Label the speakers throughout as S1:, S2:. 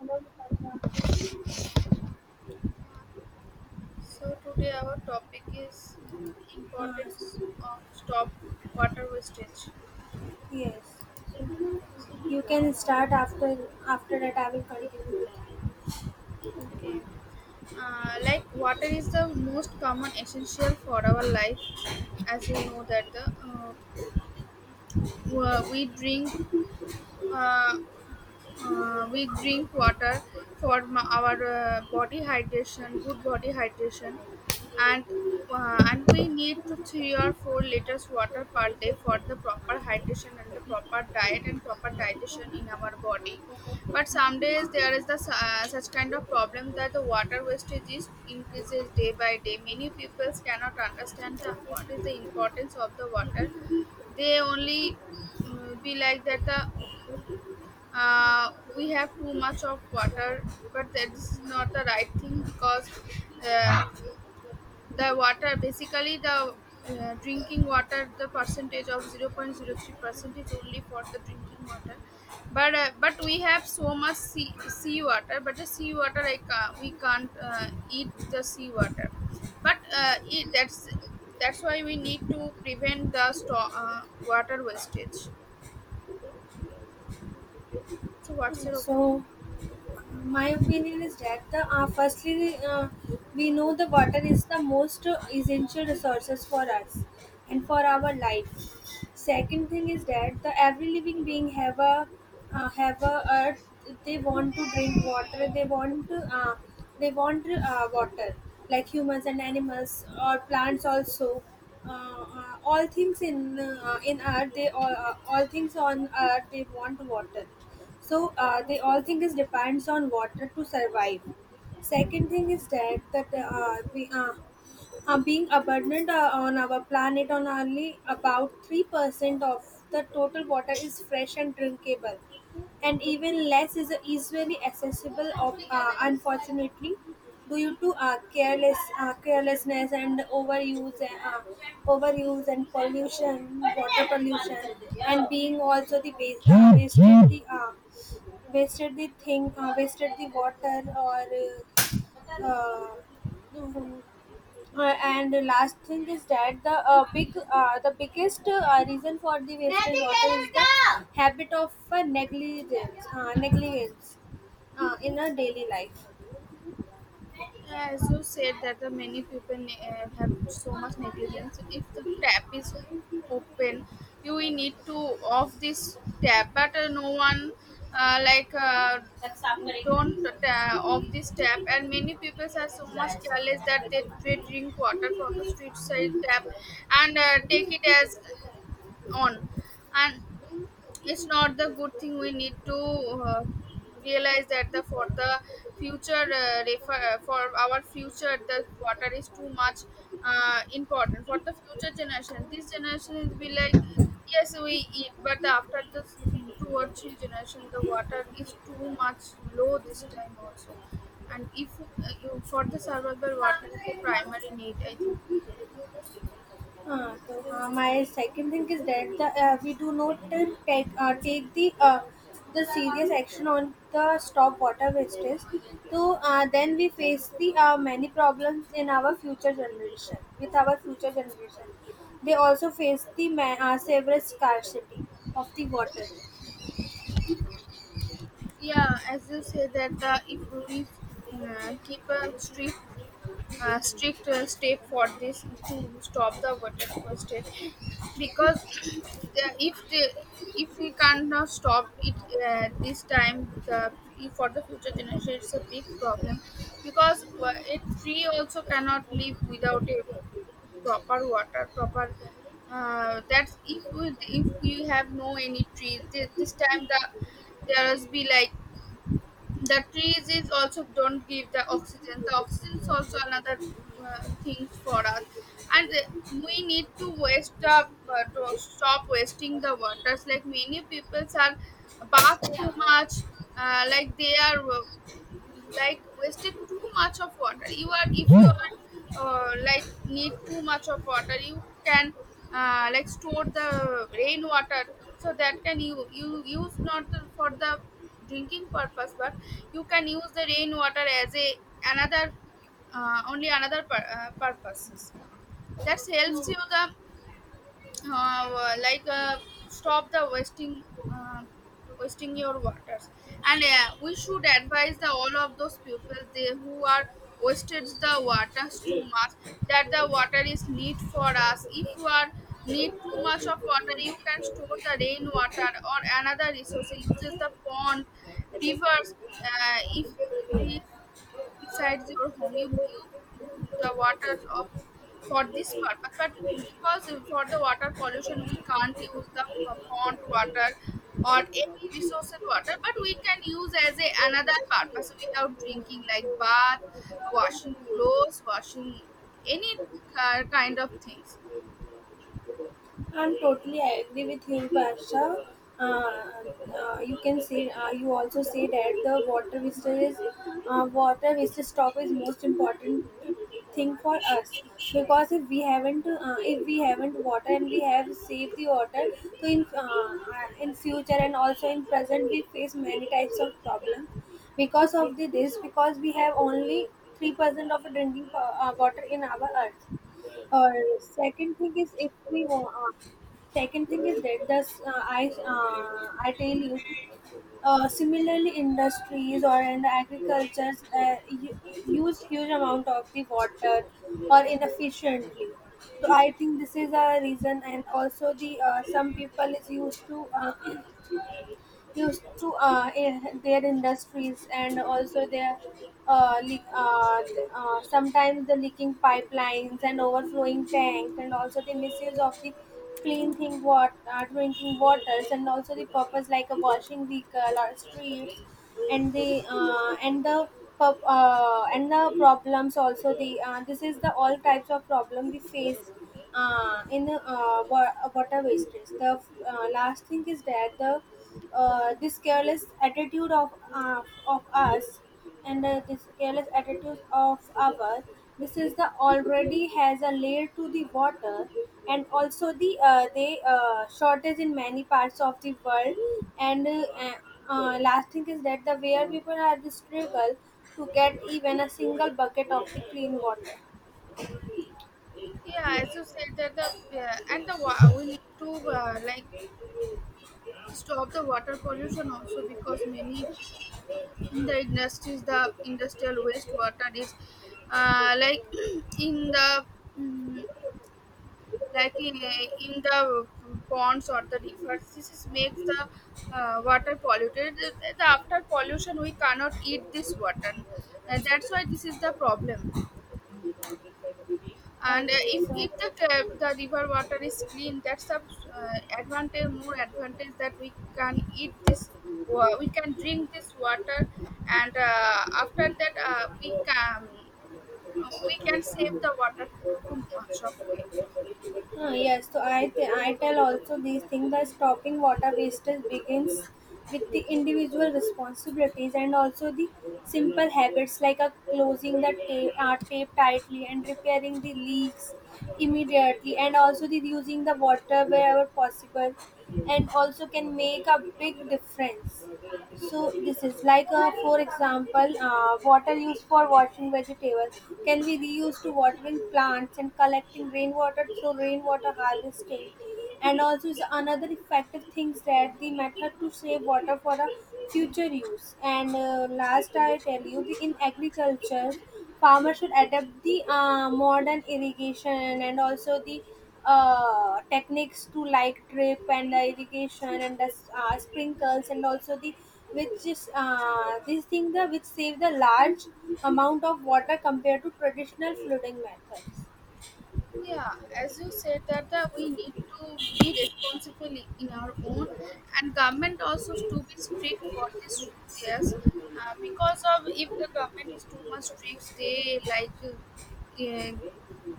S1: Uh,
S2: So today our topic is importance of stop water wastage.
S1: yes. You can start after that I will continue.
S2: Okay, like water is the most common essential for our life, as you know that uh, wa- we drink uh, we drink water for our body hydration, good body hydration, and and we need to 3 or 4 liters water per day for the proper hydration and the proper diet and proper digestion in our body. But some days there is such kind of problem that the water wastage is increases day by day. Many people cannot understand what is the importance of the water. They only be like that the uh, we have too much of water, but that this is not the right thing because uh, the water, basically the drinking water, the percentage of 0.0 0.03% is only for the drinking water. But we have so much sea water, but the sea water, we can't eat the sea water. But uh, it, that's that's why we need to prevent the water wastage. So what's your opinion?
S1: So my opinion is that the firstly we know the water is the most essential resources for us and for our life. Second thing is that the every living being have a earth. They want to drink water. They want to, they want water like humans and animals or plants also. All things in earth they all things on earth they want water so they all thing is depends on water to survive. Second thing is that that we being abundant on our planet on only about 3% of the total water is fresh and drinkable and even less is easily accessible of unfortunately due to carelessness and overuse and pollution water pollution and being also wasted the water or uh, uh, and the last thing is that the big the biggest reason for the wasted water is the habit of negligence in a daily life.
S2: As you said that the many people have so much negligence. If the tap is open, you will need to off this tap, but no one, uh, like uh, don't off this tap. And many people are so much careless that they drink water from the street side tap and take it as on. And it's not the good thing. We need to realize that, the for the future for our future, the water is too much important for the future generation. This generation is be like, yes we eat, but the after this two or three generation the water is too much low this time also. And if you, for the survival, water is the primary need, I think.
S1: My second thing is that we do not take the serious action on the stop water wastage. So then we face the many problems in our future generation with our future generation. They also face the severe scarcity of the water.
S2: Yeah, as you say that if we keep a strict step for this, to stop the water wastage. Because if the, if we cannot stop it this time, the for the future generation, it's a big problem. Because a tree also cannot live without a proper water, proper, that's if we have no any trees this, this time the there must be like, the trees is also don't give the oxygen. The oxygen is also another things for us. And we need to waste the, to stop wasting the waters. Like many people are bath too much, like they are, like wasted too much of water. You are, if you are like need too much of water, you can like store the rainwater, so that can you, you use not for the drinking purpose, but you can use the rainwater as a another, only another purposes. That helps you the like stop the uh, wasting your waters. And we should advise the all of those people they who are wasted the waters too much, that the water is need for us. If you are need too much of water, you can store the rain water or another resource, uses the pond, rivers. If these besides your home, you the water of for this purpose, but because for the water pollution we can't use the pond water or any resources water, but we can use as a another purpose without drinking, like bath, washing clothes, washing any kind of things.
S1: I'm totally, I agree with him, Parsha. Uh, you can see, you also see that the water wastage is water wastage stop is most important thing for us because if we haven't water and we have saved the water, so in future and also in present we face many types of problems because of this because we have only 3% of drinking water in our earth. Or second thing is if we want, second thing is that thus I tell you, similarly industries or in the agriculture use huge amount of the water or inefficiently. So I think this is a reason, and also the some people is used to. Used to in their industries and also their uh, leak, uh, sometimes the leaking pipelines and overflowing tanks and also the misuse of the clean thing water drinking waters and also the purpose like a washing vehicle or streets and the and the and the problems also the this is the all types of problem we face in water wastage. The last thing is that the this careless attitude of us and this careless attitude of our, this is the already has a layer to the water and also the they shortage in many parts of the world and uh, last thing is that the where people are the struggle to get even a single bucket of the clean water.
S2: Yeah, as you said that the we need to uh, like stop the water pollution also, because many in the industries the industrial wastewater is, uh, like in the mm, like in the ponds or the rivers, this is makes the water polluted. The after pollution we cannot eat this water, and that's why this is the problem. And
S1: Okay,
S2: if
S1: so
S2: the river water is clean, that's a advantage, more advantage, that we can eat this, we can drink this water. And after that we can save the water too much of it.
S1: ah, yes, so I tell also these things that stopping water wastage begins with the individual responsibilities and also the simple habits like a closing the tape, tape tightly and repairing the leaks immediately and also the using the water wherever possible and also can make a big difference. So this is like for example water used for washing vegetables can be reused to watering plants and collecting rainwater through rainwater harvesting and also is another effective things that the method to save water for a future use and last I tell you the in agriculture farmers should adapt the modern irrigation and also the techniques to like drip and the irrigation and the sprinkles and also the which is this thing the which save the large amount of water compared to traditional flooding methods.
S2: Yeah, as you said that we need to be responsible in our own, and government also to be strict for this. Yes, because of if the government is too much strict, they like,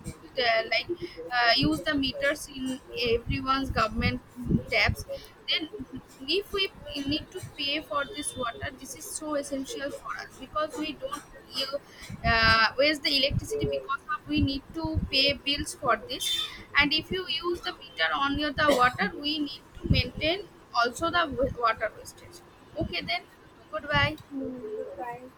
S2: uh, like use the meters in everyone's government taps. Then if we need to pay for this water, this is so essential for us, because we don't you waste the electricity because of we need to pay bills for this. And if you use the meter on your the water, we need to maintain also the water wastage. Okay, then goodbye.
S1: Goodbye.